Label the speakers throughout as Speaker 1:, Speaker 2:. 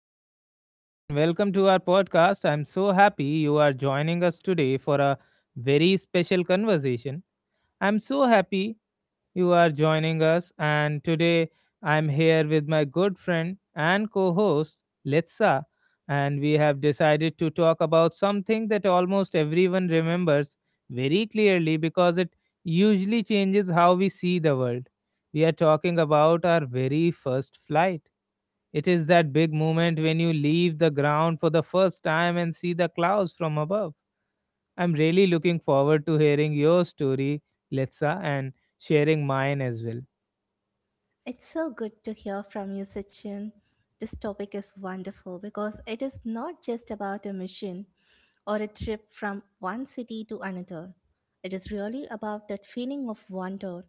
Speaker 1: Hello, everyone, and welcome to our podcast. I'm so happy you are joining us today for a very special conversation. I'm so happy you are joining us, and today I'm here with my good friend and co host, Letsa, and we have decided to talk about something that almost everyone remembers very clearly because it usually changes how we see the world. We are talking about our very first flight. It is that big moment when you leave the ground for the first time and see the clouds from above. I'm really looking forward to hearing your story, Letsa, and sharing mine as well.
Speaker 2: It's so good to hear from you, Sachin. This topic is wonderful because it is not just about a mission or a trip from one city to another. It is really about that feeling of wonder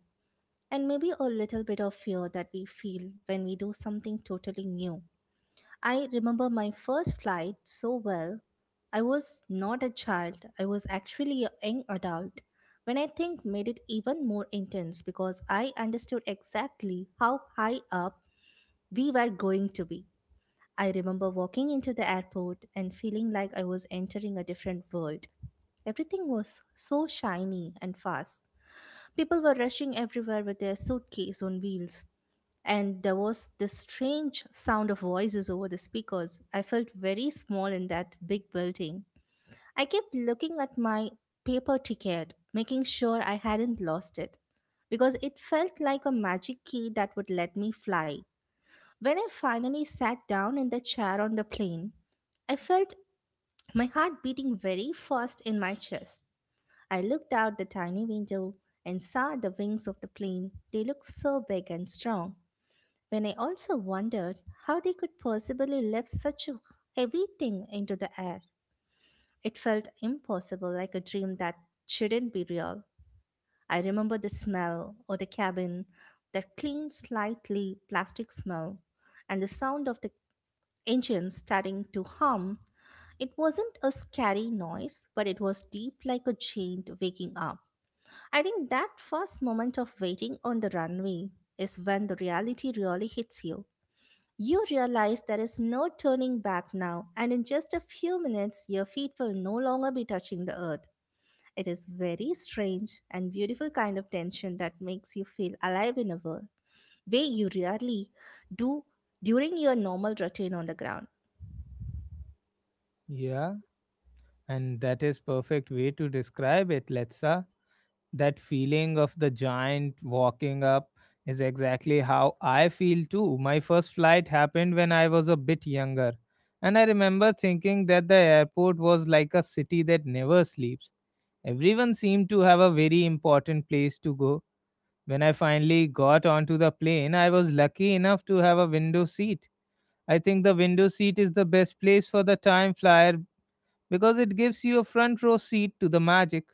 Speaker 2: and maybe a little bit of fear that we feel when we do something totally new. I remember my first flight so well. I was not a child, I was actually a young adult. When I think made it even more intense because I understood exactly how high up we were going to be. I remember walking into the airport and feeling like I was entering a different world. Everything was so shiny and fast. People were rushing everywhere with their suitcase on wheels, and there was this strange sound of voices over the speakers. I felt very small in that big building. I kept looking at my paper ticket, making sure I hadn't lost it, because it felt like a magic key that would let me fly. When I finally sat down in the chair on the plane, I felt my heart beating very fast in my chest. I looked out the tiny window and saw the wings of the plane. They looked so big and strong when I also wondered how they could possibly lift such a heavy thing into the air. It felt impossible, like a dream that shouldn't be real. I remember the smell of the cabin, that clean, slightly plastic smell, and the sound of the engine starting to hum. It wasn't a scary noise, but it was deep like a giant waking up. I think that first moment of waiting on the runway is when the reality really hits you. You realize there is no turning back now, and in just a few minutes, your feet will no longer be touching the earth. It is very strange and beautiful kind of tension that makes you feel alive in a world way you rarely do during your normal routine on the ground.
Speaker 1: Yeah, and that is perfect way to describe it, Letsa. That feeling of the giant walking up is exactly how I feel too. My first flight happened when I was a bit younger, and I remember thinking that the airport was like a city that never sleeps. Everyone seemed to have a very important place to go. When I finally got onto the plane, I was lucky enough to have a window seat. I think the window seat is the best place for the time flyer because it gives you a front row seat to the magic.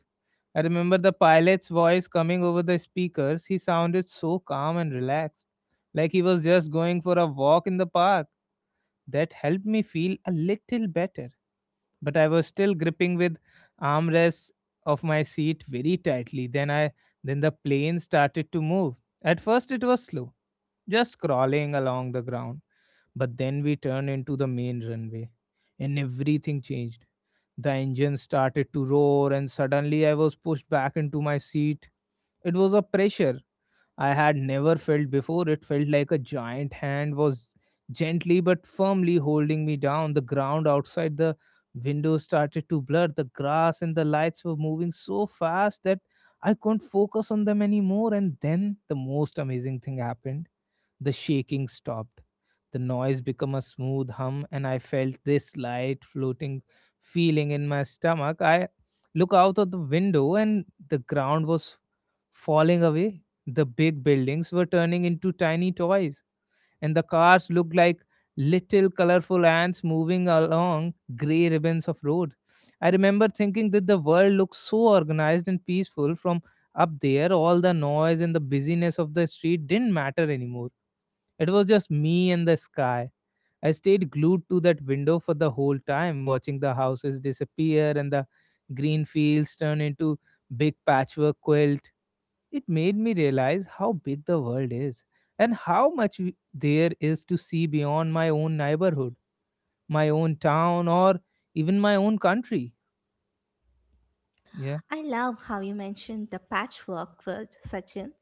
Speaker 1: I remember the pilot's voice coming over the speakers. He sounded so calm and relaxed, like he was just going for a walk in the park. That helped me feel a little better, but I was still gripping with armrests of my seat very tightly. Then the plane started to move. At first it was slow, just crawling along the ground. But then we turned into the main runway and everything changed. The engine started to roar and suddenly I was pushed back into my seat. It was a pressure I had never felt before. It felt like a giant hand was gently but firmly holding me down. The ground outside the window started to blur. The grass and the lights were moving so fast that I couldn't focus on them anymore. And then the most amazing thing happened: the shaking stopped. The noise became a smooth hum, and I felt this light floating feeling in my stomach. I look out of the window, and the ground was falling away. The big buildings were turning into tiny toys, and the cars looked like little colorful ants moving along gray ribbons of road. I remember thinking that the world looked so organized and peaceful from up there. All the noise and the busyness of the street didn't matter anymore. It was just me and the sky. I stayed glued to that window for the whole time, watching the houses disappear and the green fields turn into big patchwork quilt. It made me realize how big the world is and how much there is to see beyond my own neighborhood, my own town, or even my own country. Yeah,
Speaker 2: I love how you mentioned the patchwork quilt, Sachin.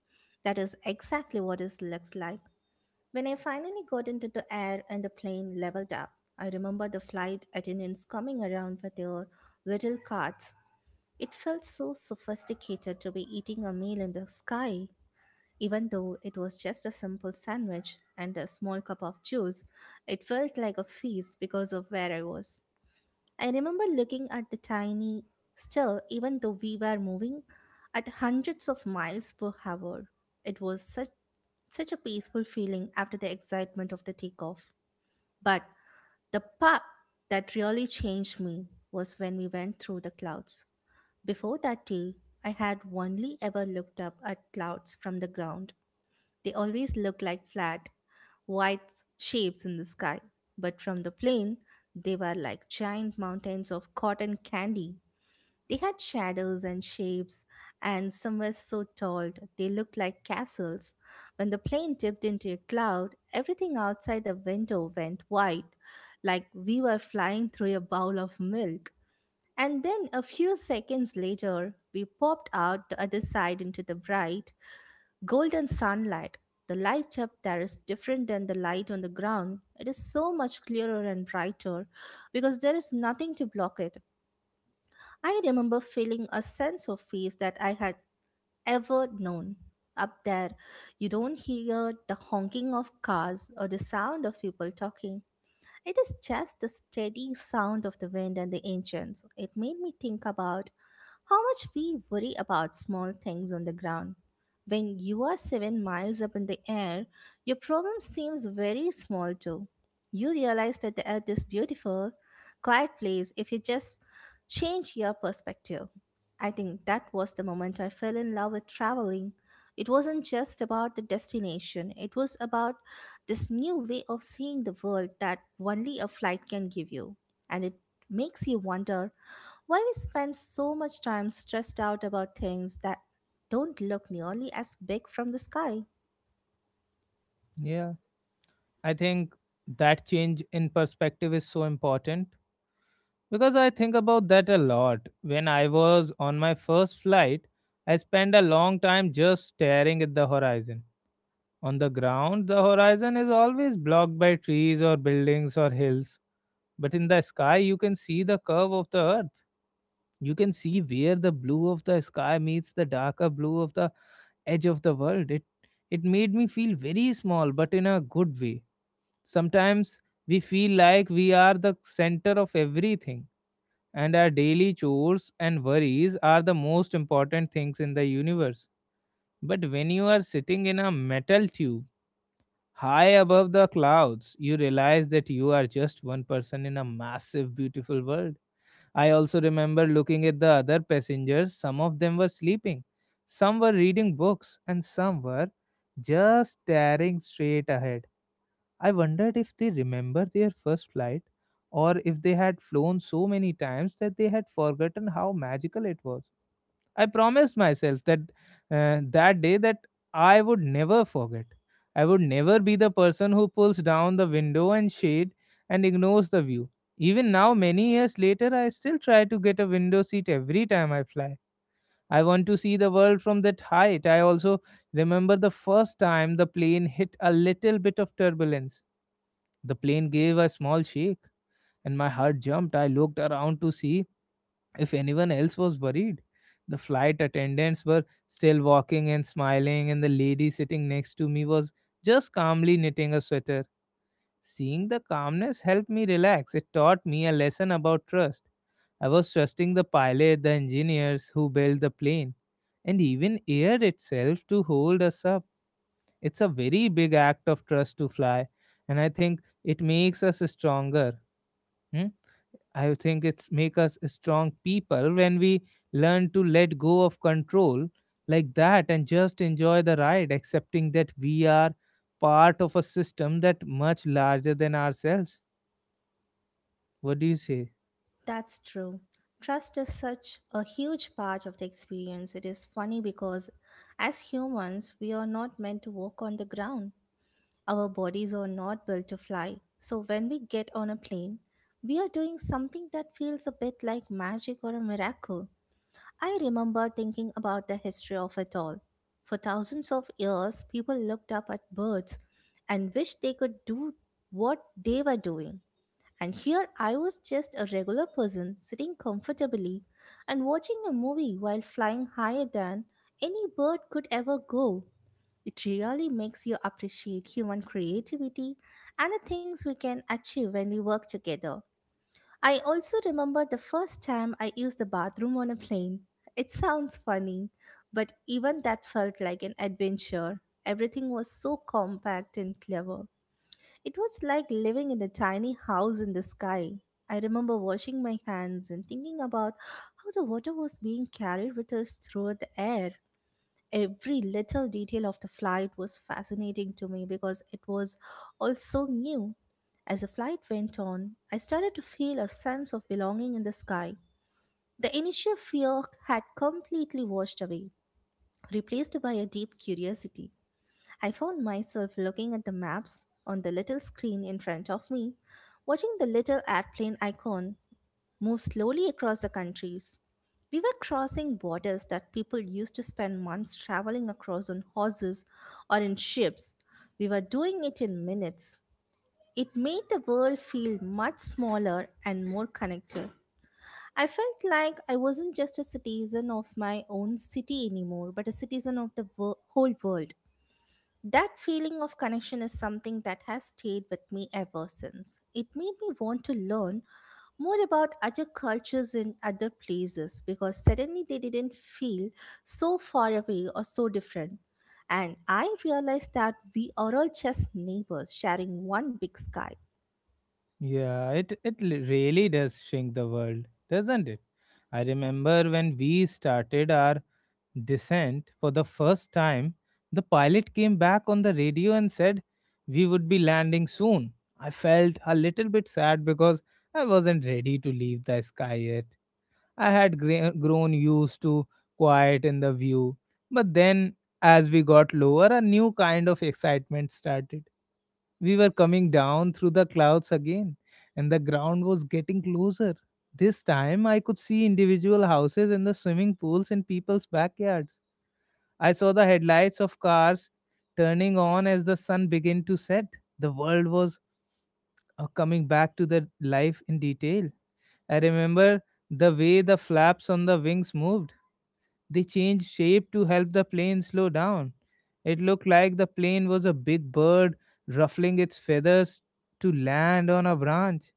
Speaker 2: That is exactly what it looks like. When I finally got into the air and the plane leveled up, I remember the flight attendants coming around with their little carts. It felt so sophisticated to be eating a meal in the sky. Even though it was just a simple sandwich and a small cup of juice, it felt like a feast because of where I was. I remember looking at the tiny still, even though we were moving at hundreds of miles per hour. It was such a peaceful feeling after the excitement of the takeoff. But the part that really changed me was when we went through the clouds. Before that day, I had only ever looked up at clouds from the ground. They always look like flat, white shapes in the sky, but from the plane, they were like giant mountains of cotton candy. They had shadows and shapes, and some were so tall they looked like castles. When the plane dipped into a cloud, everything outside the window went white, like we were flying through a bowl of milk. And then a few seconds later, we popped out the other side into the bright, golden sunlight. The light up there is different than the light on the ground. It is so much clearer and brighter because there is nothing to block it. I remember feeling a sense of peace that I had ever known. Up there, you don't hear the honking of cars or the sound of people talking. It is just the steady sound of the wind and the engines. It made me think about how much we worry about small things on the ground. When you are 7 miles up in the air, your problem seems very small too. You realize that the earth is beautiful, quiet place if you just change your perspective. I think that was the moment I fell in love with traveling. It wasn't just about the destination, it was about this new way of seeing the world that only a flight can give you. And it makes you wonder why we spend so much time stressed out about things that don't look nearly as big from the sky?
Speaker 1: yeah. I think that change in perspective is so important because I think about that a lot. When I was on my first flight, I spent a long time just staring at the horizon. On the ground, the horizon is always blocked by trees or buildings or hills. But in the sky, you can see the curve of the earth. You can see where the blue of the sky meets the darker blue of the edge of the world. It made me feel very small, but in a good way. Sometimes we feel like we are the center of everything, and our daily chores and worries are the most important things in the universe. But when you are sitting in a metal tube high above the clouds, you realize that you are just one person in a massive, beautiful world. I also remember looking at the other passengers. Some of them were sleeping, some were reading books, and some were just staring straight ahead. I wondered if they remember their first flight or if they had flown so many times that they had forgotten how magical it was. I promised myself that that day that I would never forget. I would never be the person who pulls down the window and shade and ignores the view. Even now, many years later, I still try to get a window seat every time I fly. I want to see the world from that height. I also remember the first time the plane hit a little bit of turbulence. The plane gave a small shake and my heart jumped. I looked around to see if anyone else was worried. The flight attendants were still walking and smiling, and the lady sitting next to me was just calmly knitting a sweater. Seeing the calmness helped me relax. It taught me a lesson about trust. I was trusting the pilot, the engineers who built the plane, and even air itself to hold us up. It's a very big act of trust to fly, and I think it makes us stronger. Hmm? I think it's make us strong people when we learn to let go of control like that and just enjoy the ride, accepting that we are part of a system that much larger than ourselves. What do you say?
Speaker 2: That's true. Trust is such a huge part of the experience. It is funny because as humans, we are not meant to walk on the ground. Our bodies are not built to fly. So when we get on a plane, we are doing something that feels a bit like magic or a miracle. I remember thinking about the history of it all. For thousands of years, people looked up at birds and wished they could do what they were doing. And here I was just a regular person sitting comfortably and watching a movie while flying higher than any bird could ever go. It really makes you appreciate human creativity and the things we can achieve when we work together. I also remember the first time I used the bathroom on a plane. It sounds funny, but even that felt like an adventure. Everything was so compact and clever. It was like living in a tiny house in the sky. I remember washing my hands and thinking about how the water was being carried with us through the air. Every little detail of the flight was fascinating to me because it was all so new. As the flight went on, I started to feel a sense of belonging in the sky. The initial fear had completely washed away, replaced by a deep curiosity. I found myself looking at the maps on the little screen in front of me, watching the little airplane icon move slowly across the countries. We were crossing borders that people used to spend months traveling across on horses or in ships. We were doing it in minutes. It made the world feel much smaller and more connected. I felt like I wasn't just a citizen of my own city anymore, but a citizen of the whole world. That feeling of connection is something that has stayed with me ever since. It made me want to learn more about other cultures in other places because suddenly they didn't feel so far away or so different. And I realized that we are all just neighbors sharing one big sky.
Speaker 1: Yeah, it really does shrink the world, doesn't it? I remember when we started our descent for the first time, the pilot came back on the radio and said we would be landing soon. I felt a little bit sad because I wasn't ready to leave the sky yet. I had grown used to quiet in the view. But then, as we got lower, a new kind of excitement started. We were coming down through the clouds again, and the ground was getting closer. This time, I could see individual houses and the swimming pools in people's backyards. I saw the headlights of cars turning on as the sun began to set. The world was coming back to the life in detail. I remember the way the flaps on the wings moved. They changed shape to help the plane slow down. It looked like the plane was a big bird ruffling its feathers to land on a branch.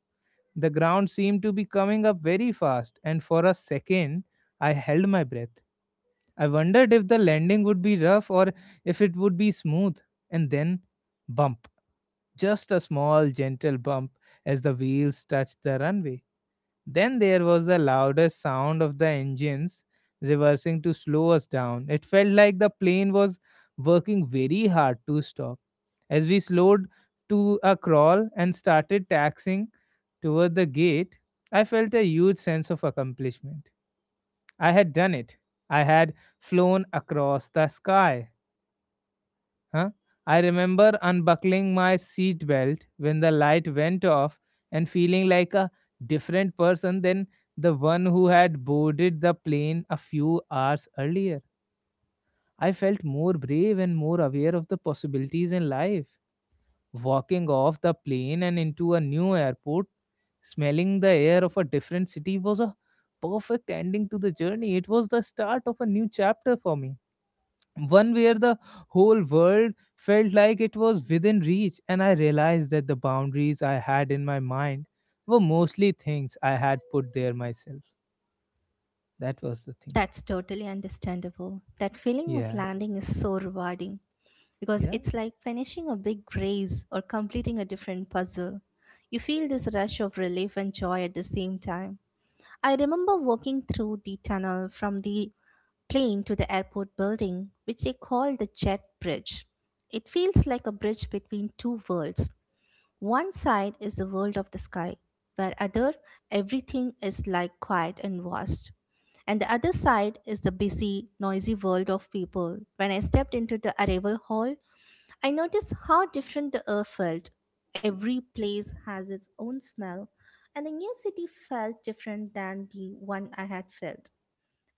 Speaker 1: The ground seemed to be coming up very fast, and for a second, I held my breath. I wondered if the landing would be rough or if it would be smooth. And then, bump. Just a small, gentle bump as the wheels touched the runway. Then there was the loudest sound of the engines reversing to slow us down. It felt like the plane was working very hard to stop. As we slowed to a crawl and started taxiing toward the gate, I felt a huge sense of accomplishment. I had done it. I had flown across the sky. Huh? I remember unbuckling my seat belt when the light went off and feeling like a different person than the one who had boarded the plane a few hours earlier. I felt more brave and more aware of the possibilities in life. Walking off the plane and into a new airport, smelling the air of a different city was a perfect ending to the journey. It was the start of a new chapter for me, one where the whole world felt like it was within reach, and I realized that the boundaries I had in my mind were mostly things I had put there myself. That was the thing.
Speaker 2: That's totally understandable. That feeling of
Speaker 1: Yeah.
Speaker 2: landing is so rewarding, because
Speaker 1: Yeah.
Speaker 2: it's like finishing a big race or completing a different puzzle. You feel this rush of relief and joy at the same time. I remember walking through the tunnel from the plane to the airport building, which they call the Jet Bridge. It feels like a bridge between two worlds. One side is the world of the sky, where other everything is like quiet and vast. And the other side is the busy, noisy world of people. When I stepped into the arrival hall, I noticed how different the air felt. Every place has its own smell, and the new city felt different than the one I had felt.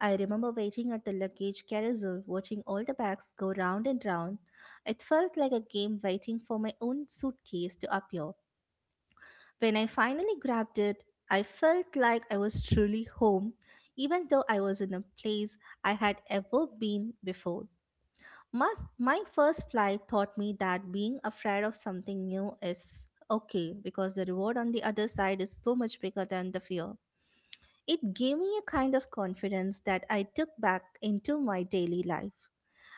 Speaker 2: I remember waiting at the luggage carousel, watching all the bags go round and round. It felt like a game waiting for my own suitcase to appear. When I finally grabbed it, I felt like I was truly home, even though I was in a place I had ever been before. My first flight taught me that being afraid of something new is okay because the reward on the other side is so much bigger than the fear. It gave me a kind of confidence that I took back into my daily life.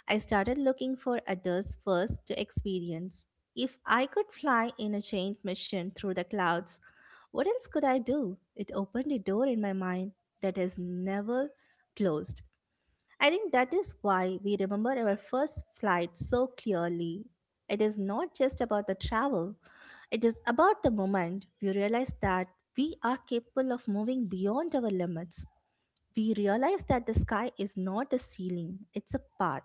Speaker 2: I started looking for others first to experience. If I could fly in a chained mission through the clouds, what else could I do? It opened a door in my mind that has never closed. I think that is why we remember our first flight so clearly. It is not just about the travel, it is about the moment we realize that we are capable of moving beyond our limits. We realize that the sky is not a ceiling, it's a path.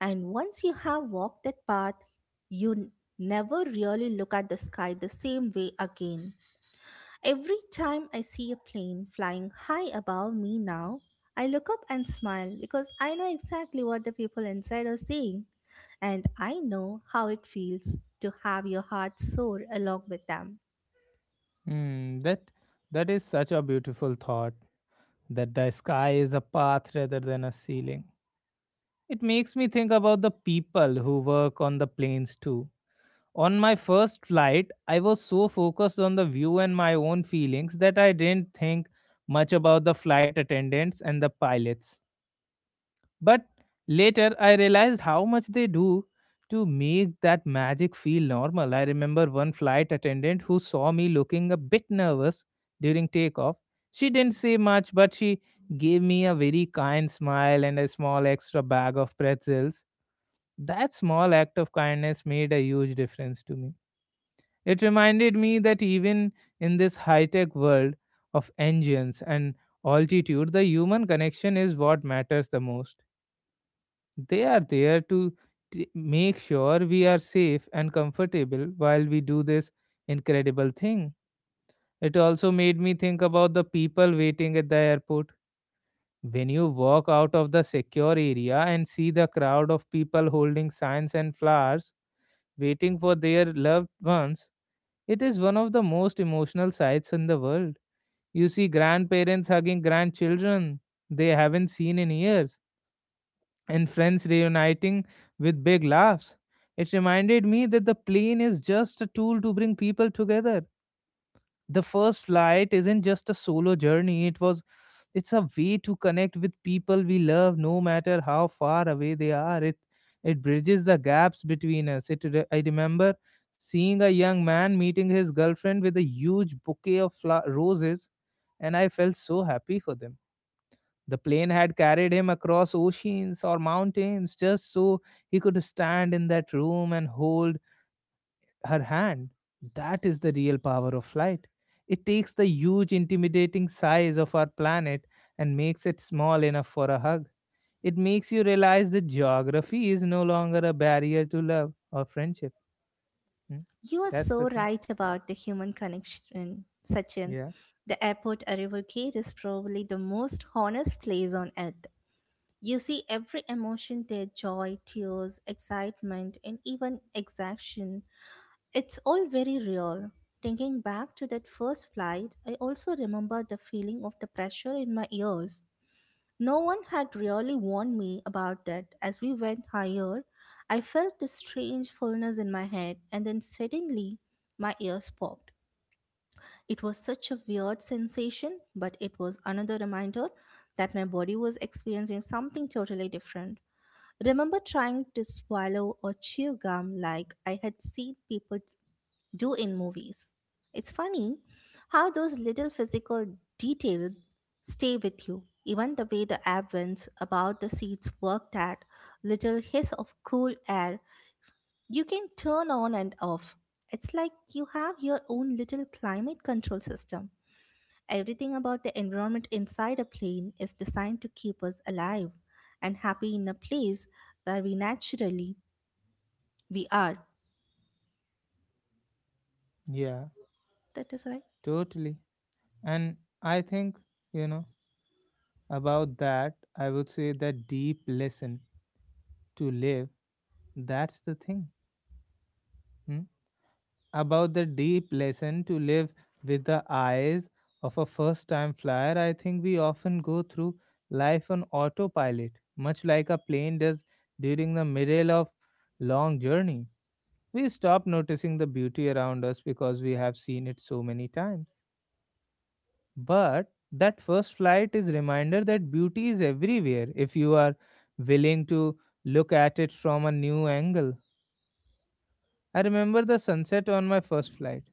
Speaker 2: And once you have walked that path, you never really look at the sky the same way again. Every time I see a plane flying high above me now, I look up and smile because I know exactly what the people inside are saying, and I know how it feels to have your heart soar along with them.
Speaker 1: Hmm, that is such a beautiful thought that the sky is a path rather than a ceiling. It makes me think about the people who work on the planes too. On my first flight, I was so focused on the view and my own feelings that I didn't think much about the flight attendants and the pilots. But later, I realized how much they do to make that magic feel normal. I remember one flight attendant who saw me looking a bit nervous during takeoff. She didn't say much, but she gave me a very kind smile and a small extra bag of pretzels. That small act of kindness made a huge difference to me. It reminded me that even in this high tech world of engines and altitude, the human connection is what matters the most. They are there to make sure we are safe and comfortable while we do this incredible thing. It also made me think about the people waiting at the airport. When you walk out of the secure area and see the crowd of people holding signs and flowers waiting for their loved ones, it is one of the most emotional sights in the world. You see grandparents hugging grandchildren they haven't seen in years, and friends reuniting with big laughs. It reminded me that the plane is just a tool to bring people together. The first flight isn't just a solo journey, it's a way to connect with people we love no matter how far away they are. It bridges the gaps between us. I remember seeing a young man meeting his girlfriend with a huge bouquet of roses, and I felt so happy for them. The plane had carried him across oceans or mountains just so he could stand in that room and hold her hand. That is the real power of light. It takes the huge, intimidating size of our planet and makes it small enough for a hug. It makes you realize that geography is no longer a barrier to love or friendship. Hmm?
Speaker 2: You are
Speaker 1: That's the
Speaker 2: so
Speaker 1: thing.
Speaker 2: right about the human connection, Sachin.
Speaker 1: Yeah,
Speaker 2: The airport arrival gate is probably the most honest place on earth. You see every emotion there: joy, tears, excitement, and even exhaustion. It's all very real. Thinking back to that first flight, I also remember the feeling of the pressure in my ears. No one had really warned me about that. As we went higher, I felt this strange fullness in my head, and then suddenly my ears popped. It was such a weird sensation, but it was another reminder that my body was experiencing something totally different. Remember trying to swallow or chew gum like I had seen people do in movies. It's funny how those little physical details stay with you. Even the way the app vents about the seats worked, that little hiss of cool air you can turn on and off. It's like you have your own little climate control system. Everything about the environment inside a plane is designed to keep us alive and happy in a place where we naturally we are.
Speaker 1: yeah,
Speaker 2: That is right.
Speaker 1: totally. And I think, you know, about that, I would say that deep lesson to live, that's the thing. Hmm? About the deep lesson to live with the eyes of a first time flyer, I think we often go through life on autopilot, much like a plane does during the middle of long journey. We stop noticing the beauty around us because we have seen it so many times. But that first flight is reminder that beauty is everywhere if you are willing to look at it from a new angle. I remember the sunset on my first flight.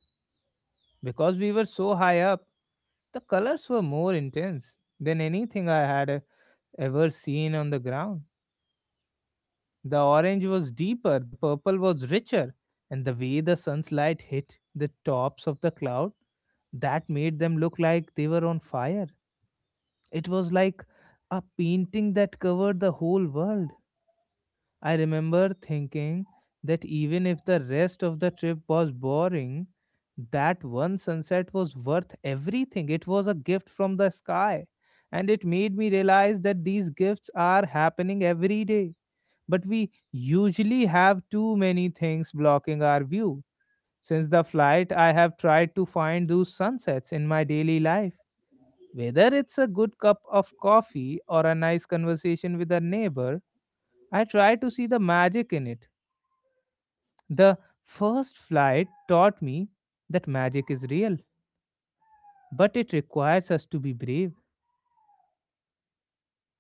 Speaker 1: Because we were so high up, the colors were more intense than anything I had ever seen on the ground. The orange was deeper, the purple was richer, and the way the sun's light hit the tops of the cloud, that made them look like they were on fire. It was like a painting that covered the whole world. I remember thinking that even if the rest of the trip was boring, that one sunset was worth everything. It was a gift from the sky. And it made me realize that these gifts are happening every day. But we usually have too many things blocking our view. Since the flight, I have tried to find those sunsets in my daily life. Whether it's a good cup of coffee or a nice conversation with a neighbor, I try to see the magic in it. The first flight taught me that magic is real, but it requires us to be brave,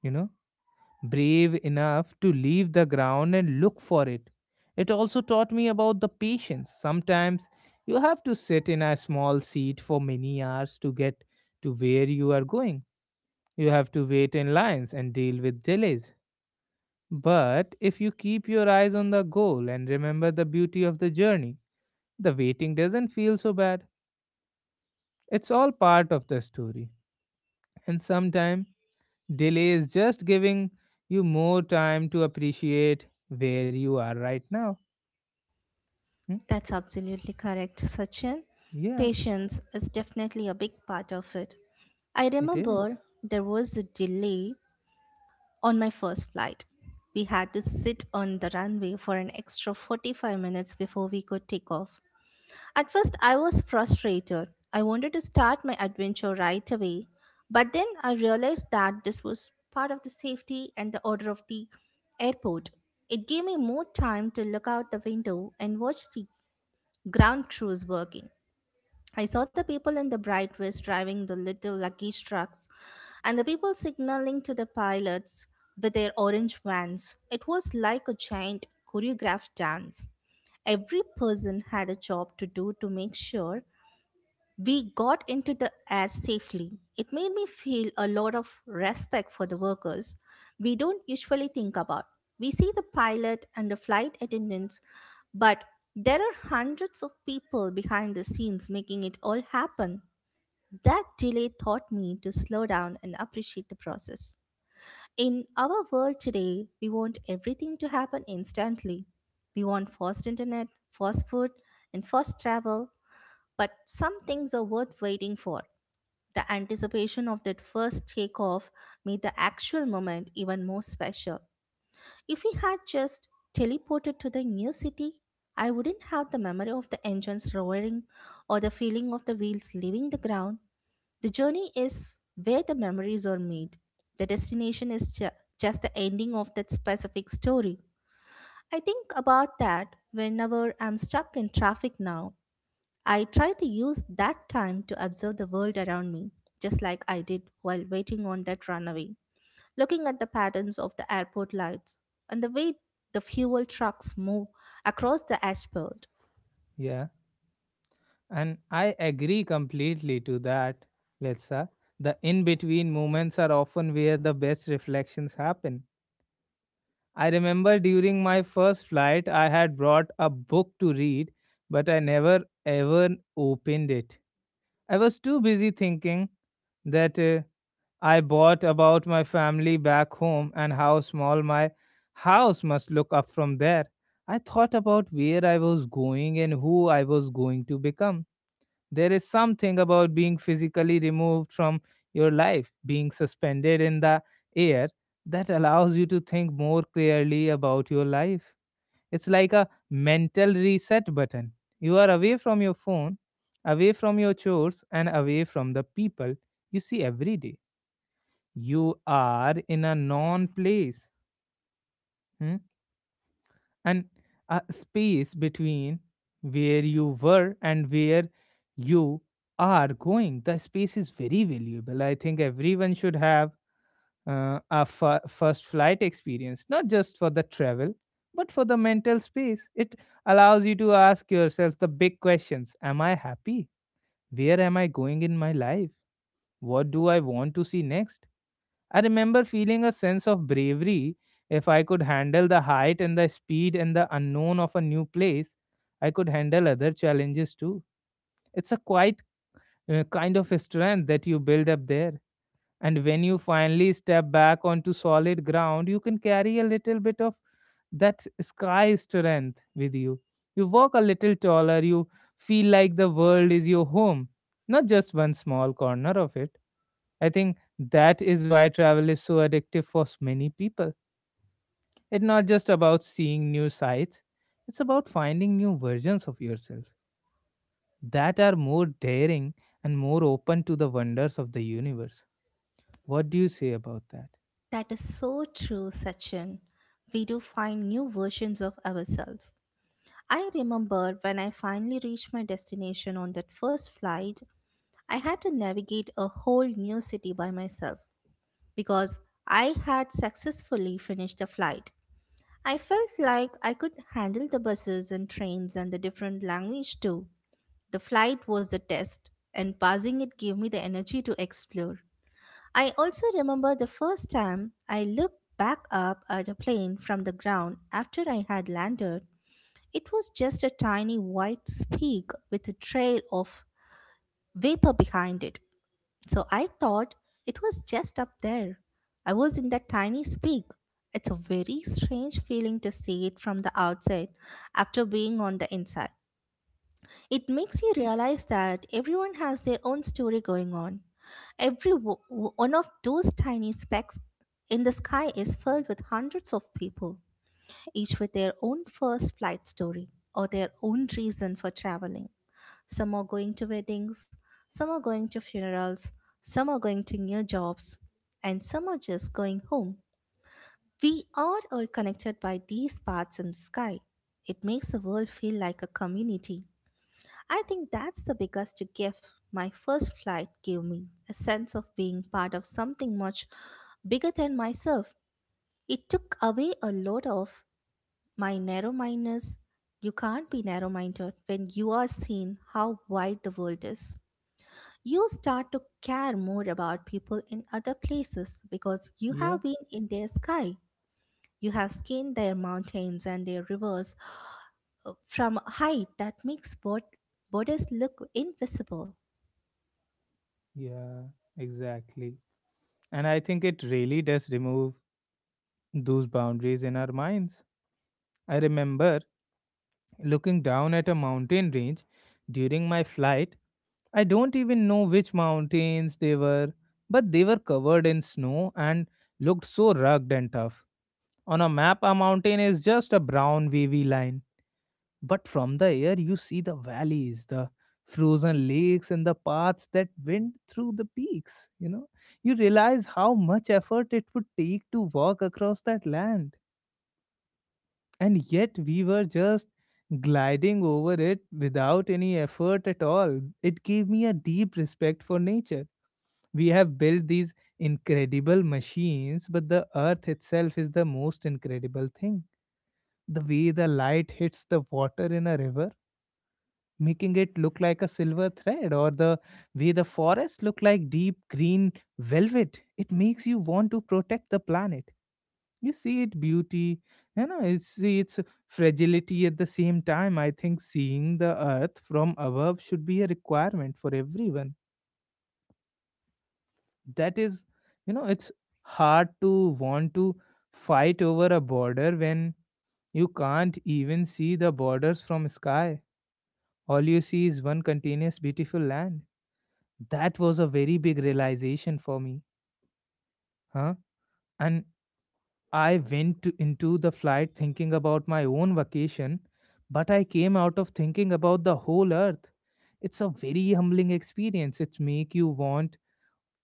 Speaker 1: you know, brave enough to leave the ground and look for it. It also taught me about the patience. Sometimes you have to sit in a small seat for many hours to get to where you are going. You have to wait in lines and deal with delays. But if you keep your eyes on the goal and remember the beauty of the journey, the waiting doesn't feel so bad. It's all part of the story. And sometimes delay is just giving you more time to appreciate where you are right now. Hmm?
Speaker 2: That's absolutely correct, Sachin.
Speaker 1: Yeah,
Speaker 2: Patience is definitely a big part of it. I
Speaker 1: it is.
Speaker 2: remember there was a delay on my first flight. We had to sit on the runway for an extra 45 minutes before we could take off. At first, I was frustrated. I wanted to start my adventure right away, but then I realized that this was part of the safety and the order of the airport. It gave me more time to look out the window and watch the ground crews working. I saw the people in the bright vest driving the little luggage trucks, and the people signaling to the pilots with their orange vans. It was like a giant choreographed dance. Every person had a job to do to make sure we got into the air safely. It made me feel a lot of respect for the workers we don't usually think about. We see the pilot and the flight attendants, but there are hundreds of people behind the scenes making it all happen. That delay taught me to slow down and appreciate the process. In our world today, we want everything to happen instantly. We want fast internet, fast food, and fast travel, but some things are worth waiting for. The anticipation of that first takeoff made the actual moment even more special. If we had just teleported to the new city, I wouldn't have the memory of the engines roaring or the feeling of the wheels leaving the ground. The journey is where the memories are made. The destination is just the ending of that specific story. I think about that whenever I'm stuck in traffic now. I try to use that time to observe the world around me, just like I did while waiting on that runaway, looking at the patterns of the airport lights and the way the fuel trucks move across the asphalt.
Speaker 1: Yeah. And I agree completely to that, Letsa. The in between moments are often where the best reflections happen. I remember during my first flight, I had brought a book to read, but I never ever opened it. I was too busy thinking that I bought about my family back home and how small my house must look up from there. I thought about where I was going and who I was going to become. There is something about being physically removed from your life, being suspended in the air, that allows you to think more clearly about your life. It's like a mental reset button. You are away from your phone, away from your chores, and away from the people you see every day. You are in a non place, hmm, and a space between where you were and where you are going. The space is very valuable. I think everyone should have our first flight experience, not just for the travel, but for the mental space. It allows you to ask yourself the big questions. Am I happy? Where am I going in my life? What do I want to see next? I remember feeling a sense of bravery. If I could handle the height and the speed and the unknown of a new place, I could handle other challenges too. It's a quite kind of a strength that you build up there, and when you finally step back onto solid ground, you can carry a little bit of that sky strength with you. You walk a little taller, you feel like the world is your home, not just one small corner of it. I think that is why travel is so addictive for many people. It's not just about seeing new sights, it's about finding new versions of yourself that are more daring and more open to the wonders of the universe. What do you say about that?
Speaker 2: That is so true, Sachin. We do find new versions of ourselves. I remember when I finally reached my destination on that first flight, I had to navigate a whole new city by myself because I had successfully finished the flight. I felt like I could handle the buses and trains and the different language too. The flight was the test, and passing it gave me the energy to explore. I also remember the first time I looked back up at a plane from the ground after I had landed. It was just a tiny white speck with a trail of vapor behind it. So I thought it was just up there. I was in that tiny speak. It's a very strange feeling to see it from the outside after being on the inside. It makes you realize that everyone has their own story going on. Every one of those tiny specks in the sky is filled with hundreds of people, each with their own first flight story or their own reason for traveling. Some are going to weddings, some are going to funerals, some are going to new jobs, and some are just going home. We are all connected by these paths in the sky. It makes the world feel like a community. I think that's the biggest gift my first flight gave me, a sense of being part of something much bigger than myself. It took away a lot of my narrow mindedness. You can't be narrow minded when you are seeing how wide the world is. You start to care more about people in other places because you
Speaker 1: Yeah.
Speaker 2: have been in their sky. You have skinned their mountains and their rivers, from a height that makes borders look invisible.
Speaker 1: Yeah, exactly. And I think it really does remove those boundaries in our minds. I remember looking down at a mountain range during my flight. I don't even know which mountains they were, but they were covered in snow and looked so rugged and tough. On a map, a mountain is just a brown, wavy line. But from the air, you see the valleys, the frozen lakes, and the paths that went through the peaks. You know, you realize how much effort it would take to walk across that land. And yet, we were just gliding over it without any effort at all. It gave me a deep respect for nature. We have built these incredible machines, but the earth itself is the most incredible thing. The way the light hits the water in a river making it look like a silver thread, or the way the forests look like deep green velvet. It makes you want to protect the planet. You see its beauty, you know, you see its fragility at the same time. I think seeing the earth from above should be a requirement for everyone. That is, you know, it's hard to want to fight over a border when you can't even see the borders from sky. All you see is one continuous beautiful land. That was a very big realization for me, huh? And I went into the flight thinking about my own vacation, but I came out of thinking about the whole earth. It's a very humbling experience. It make you want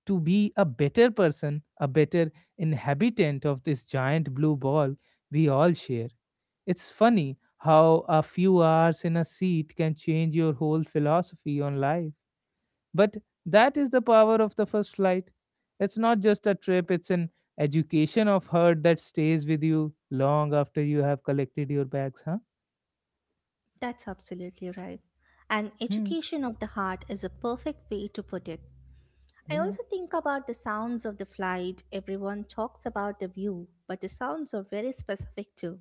Speaker 1: to be a better person, a better inhabitant of this giant blue ball we all share. It's funny how a few hours in a seat can change your whole philosophy on life. But that is the power of the first flight. It's not just a trip, it's an education of heart that stays with you long after you have collected your bags, huh?
Speaker 2: That's absolutely right. An
Speaker 1: Hmm.
Speaker 2: education of the heart is a perfect way to put it. I
Speaker 1: Yeah.
Speaker 2: also think about the sounds of the flight. Everyone talks about the view, but the sounds are very specific too.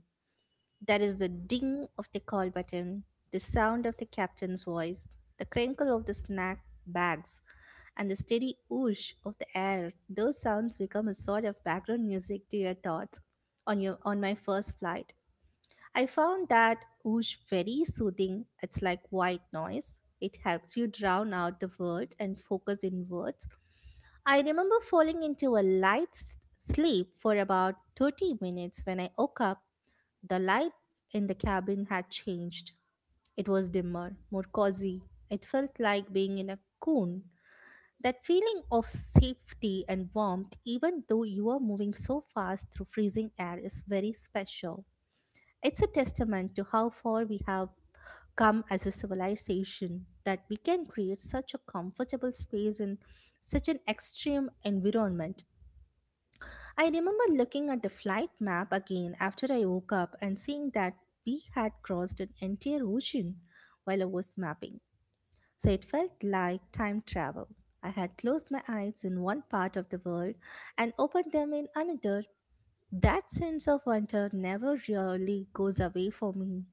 Speaker 2: That is the ding of the call button, the sound of the captain's voice, the crinkle of the snack bags, and the steady whoosh of the air. Those sounds become a sort of background music to your thoughts. On my first flight, I found that whoosh very soothing. It's like white noise. It helps you drown out the world and focus inwards. I remember falling into a light sleep for about 30 minutes. When I woke up, the light in the cabin had changed. It was dimmer, more cozy. It felt like being in a cocoon. That feeling of safety and warmth, even though you are moving so fast through freezing air, is very special. It's a testament to how far we have come as a civilization, that we can create such a comfortable space in such an extreme environment. I remember looking at the flight map again after I woke up and seeing that we had crossed an entire ocean while I was mapping. So it felt like time travel. I had closed my eyes in one part of the world and opened them in another. That sense of wonder never really goes away for me.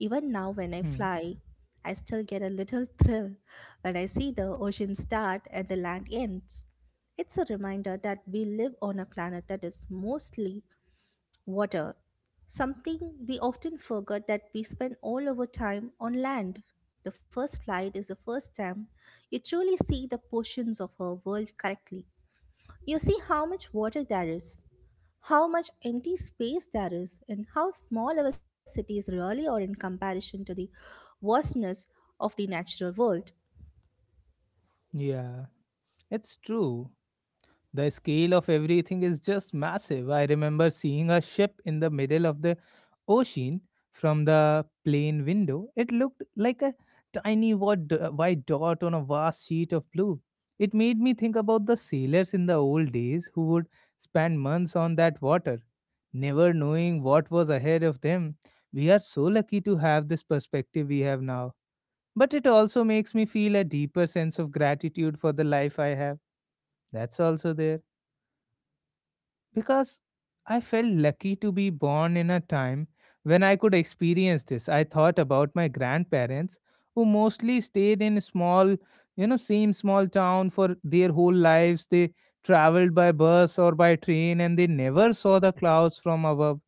Speaker 2: Even now, when I
Speaker 1: Hmm.
Speaker 2: fly, I still get a little thrill when I see the ocean start and the land ends. It's a reminder that we live on a planet that is mostly water, something we often forget that we spend all our time on land. The first flight is the first time you truly see the portions of our world correctly. You see how much water there is, how much empty space there is, and how small our cities really are in comparison to the vastness of the natural world.
Speaker 1: Yeah. It's true. The scale of everything is just massive. I remember seeing a ship in the middle of the ocean from the plane window. It looked like a tiny white dot on a vast sheet of blue. It made me think about the sailors in the old days who would spend months on that water, never knowing what was ahead of them. We are so lucky to have this perspective we have now. But it also makes me feel a deeper sense of gratitude for the life I have. That's also there because I felt lucky to be born in a time when I could experience this. I thought about my grandparents who mostly stayed in small, you know, same small town for their whole lives. They traveled by bus or by train and they never saw the clouds from above.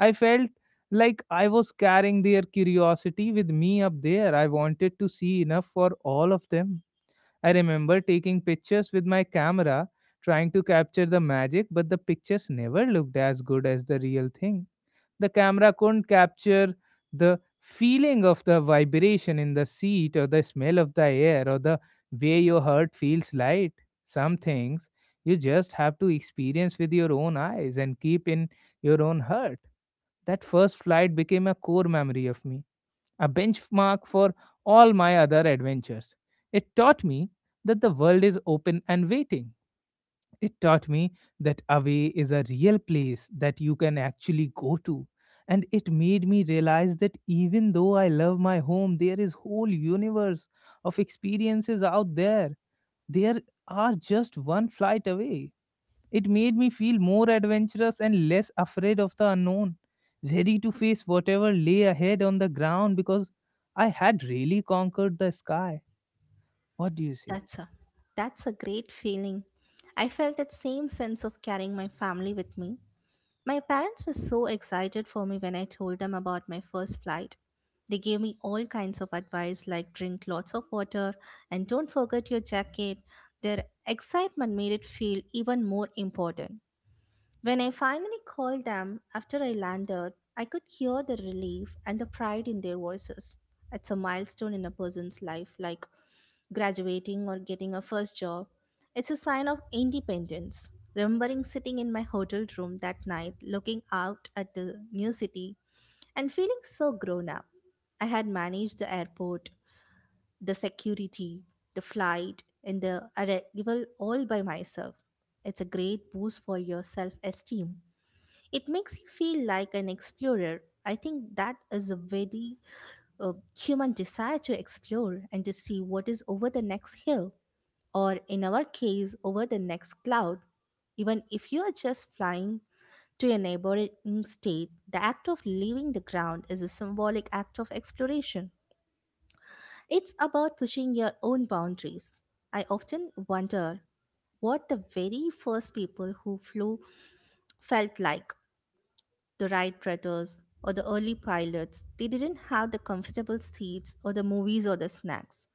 Speaker 1: I felt like I was carrying their curiosity with me up there. I wanted to see enough for all of them. I remember taking pictures with my camera, trying to capture the magic, but the pictures never looked as good as the real thing. The camera couldn't capture the feeling of the vibration in the seat, or the smell of the air, or the way your heart feels light. Some things you just have to experience with your own eyes and keep in your own heart. That first flight became a core memory of me, a benchmark for all my other adventures. It taught me that the world is open and waiting. It taught me that away is a real place that you can actually go to. And it made me realize that even though I love my home, there is whole universe of experiences out there. There are just one flight away. It made me feel more adventurous and less afraid of the unknown, ready to face whatever lay ahead on the ground because I had really conquered the sky. What do you say?
Speaker 2: That's a that's a great feeling. I felt that same sense of carrying my family with me. My parents were so excited for me when I told them about my first flight. They gave me all kinds of advice, like drink lots of water and don't forget your jacket. Their excitement made it feel even more important. When I finally called them after I landed, I could hear the relief and the pride in their voices. It's a milestone in a person's life, like graduating or getting a first job. It's a sign of independence. Remembering sitting in my hotel room that night, looking out at the new city and feeling so grown up. I had managed the airport, the security, the flight, and the arrival all by myself. It's a great boost for your self esteem. It makes you feel like an explorer. I think that is a very human desire, to explore and to see what is over the next hill, or in our case, over the next cloud. Even if you are just flying to a neighboring state, the act of leaving the ground is a symbolic act of exploration. It's about pushing your own boundaries. I often wonder what the very first people who flew felt like. The Wright brothers or the early pilots, they didn't have the comfortable seats or the movies or the snacks.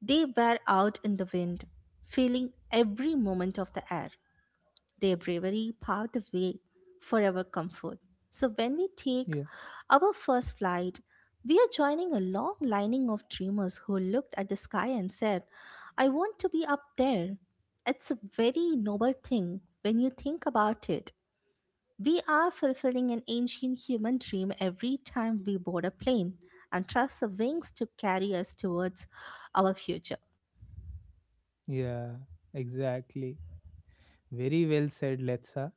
Speaker 2: They were out in the wind, feeling every moment of the air. Their bravery paved the way for our comfort. So when we take
Speaker 1: Yeah.
Speaker 2: our first flight, we are joining a long lining of dreamers who looked at the sky and said, I want to be up there. It's a very noble thing when you think about it. We are fulfilling an ancient human dream every time we board a plane and trust the wings to carry us towards our future.
Speaker 1: Yeah, exactly. Very well said, Letsa.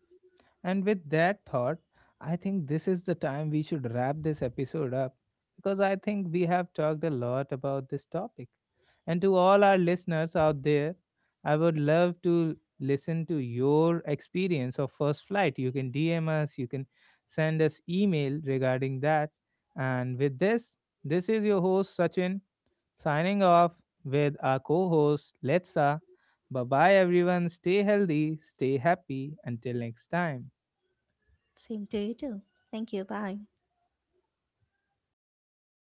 Speaker 1: And with that thought, I think this is the time we should wrap this episode up because I think we have talked a lot about this topic. And to all our listeners out there, I would love to listen to your experience of first flight. You can DM us, you can send us email regarding that. And with this, this is your host Sachin signing off with our co-host Letsa. Bye bye everyone. Stay healthy, stay happy. Until next time.
Speaker 2: Same to you too. Thank you. Bye.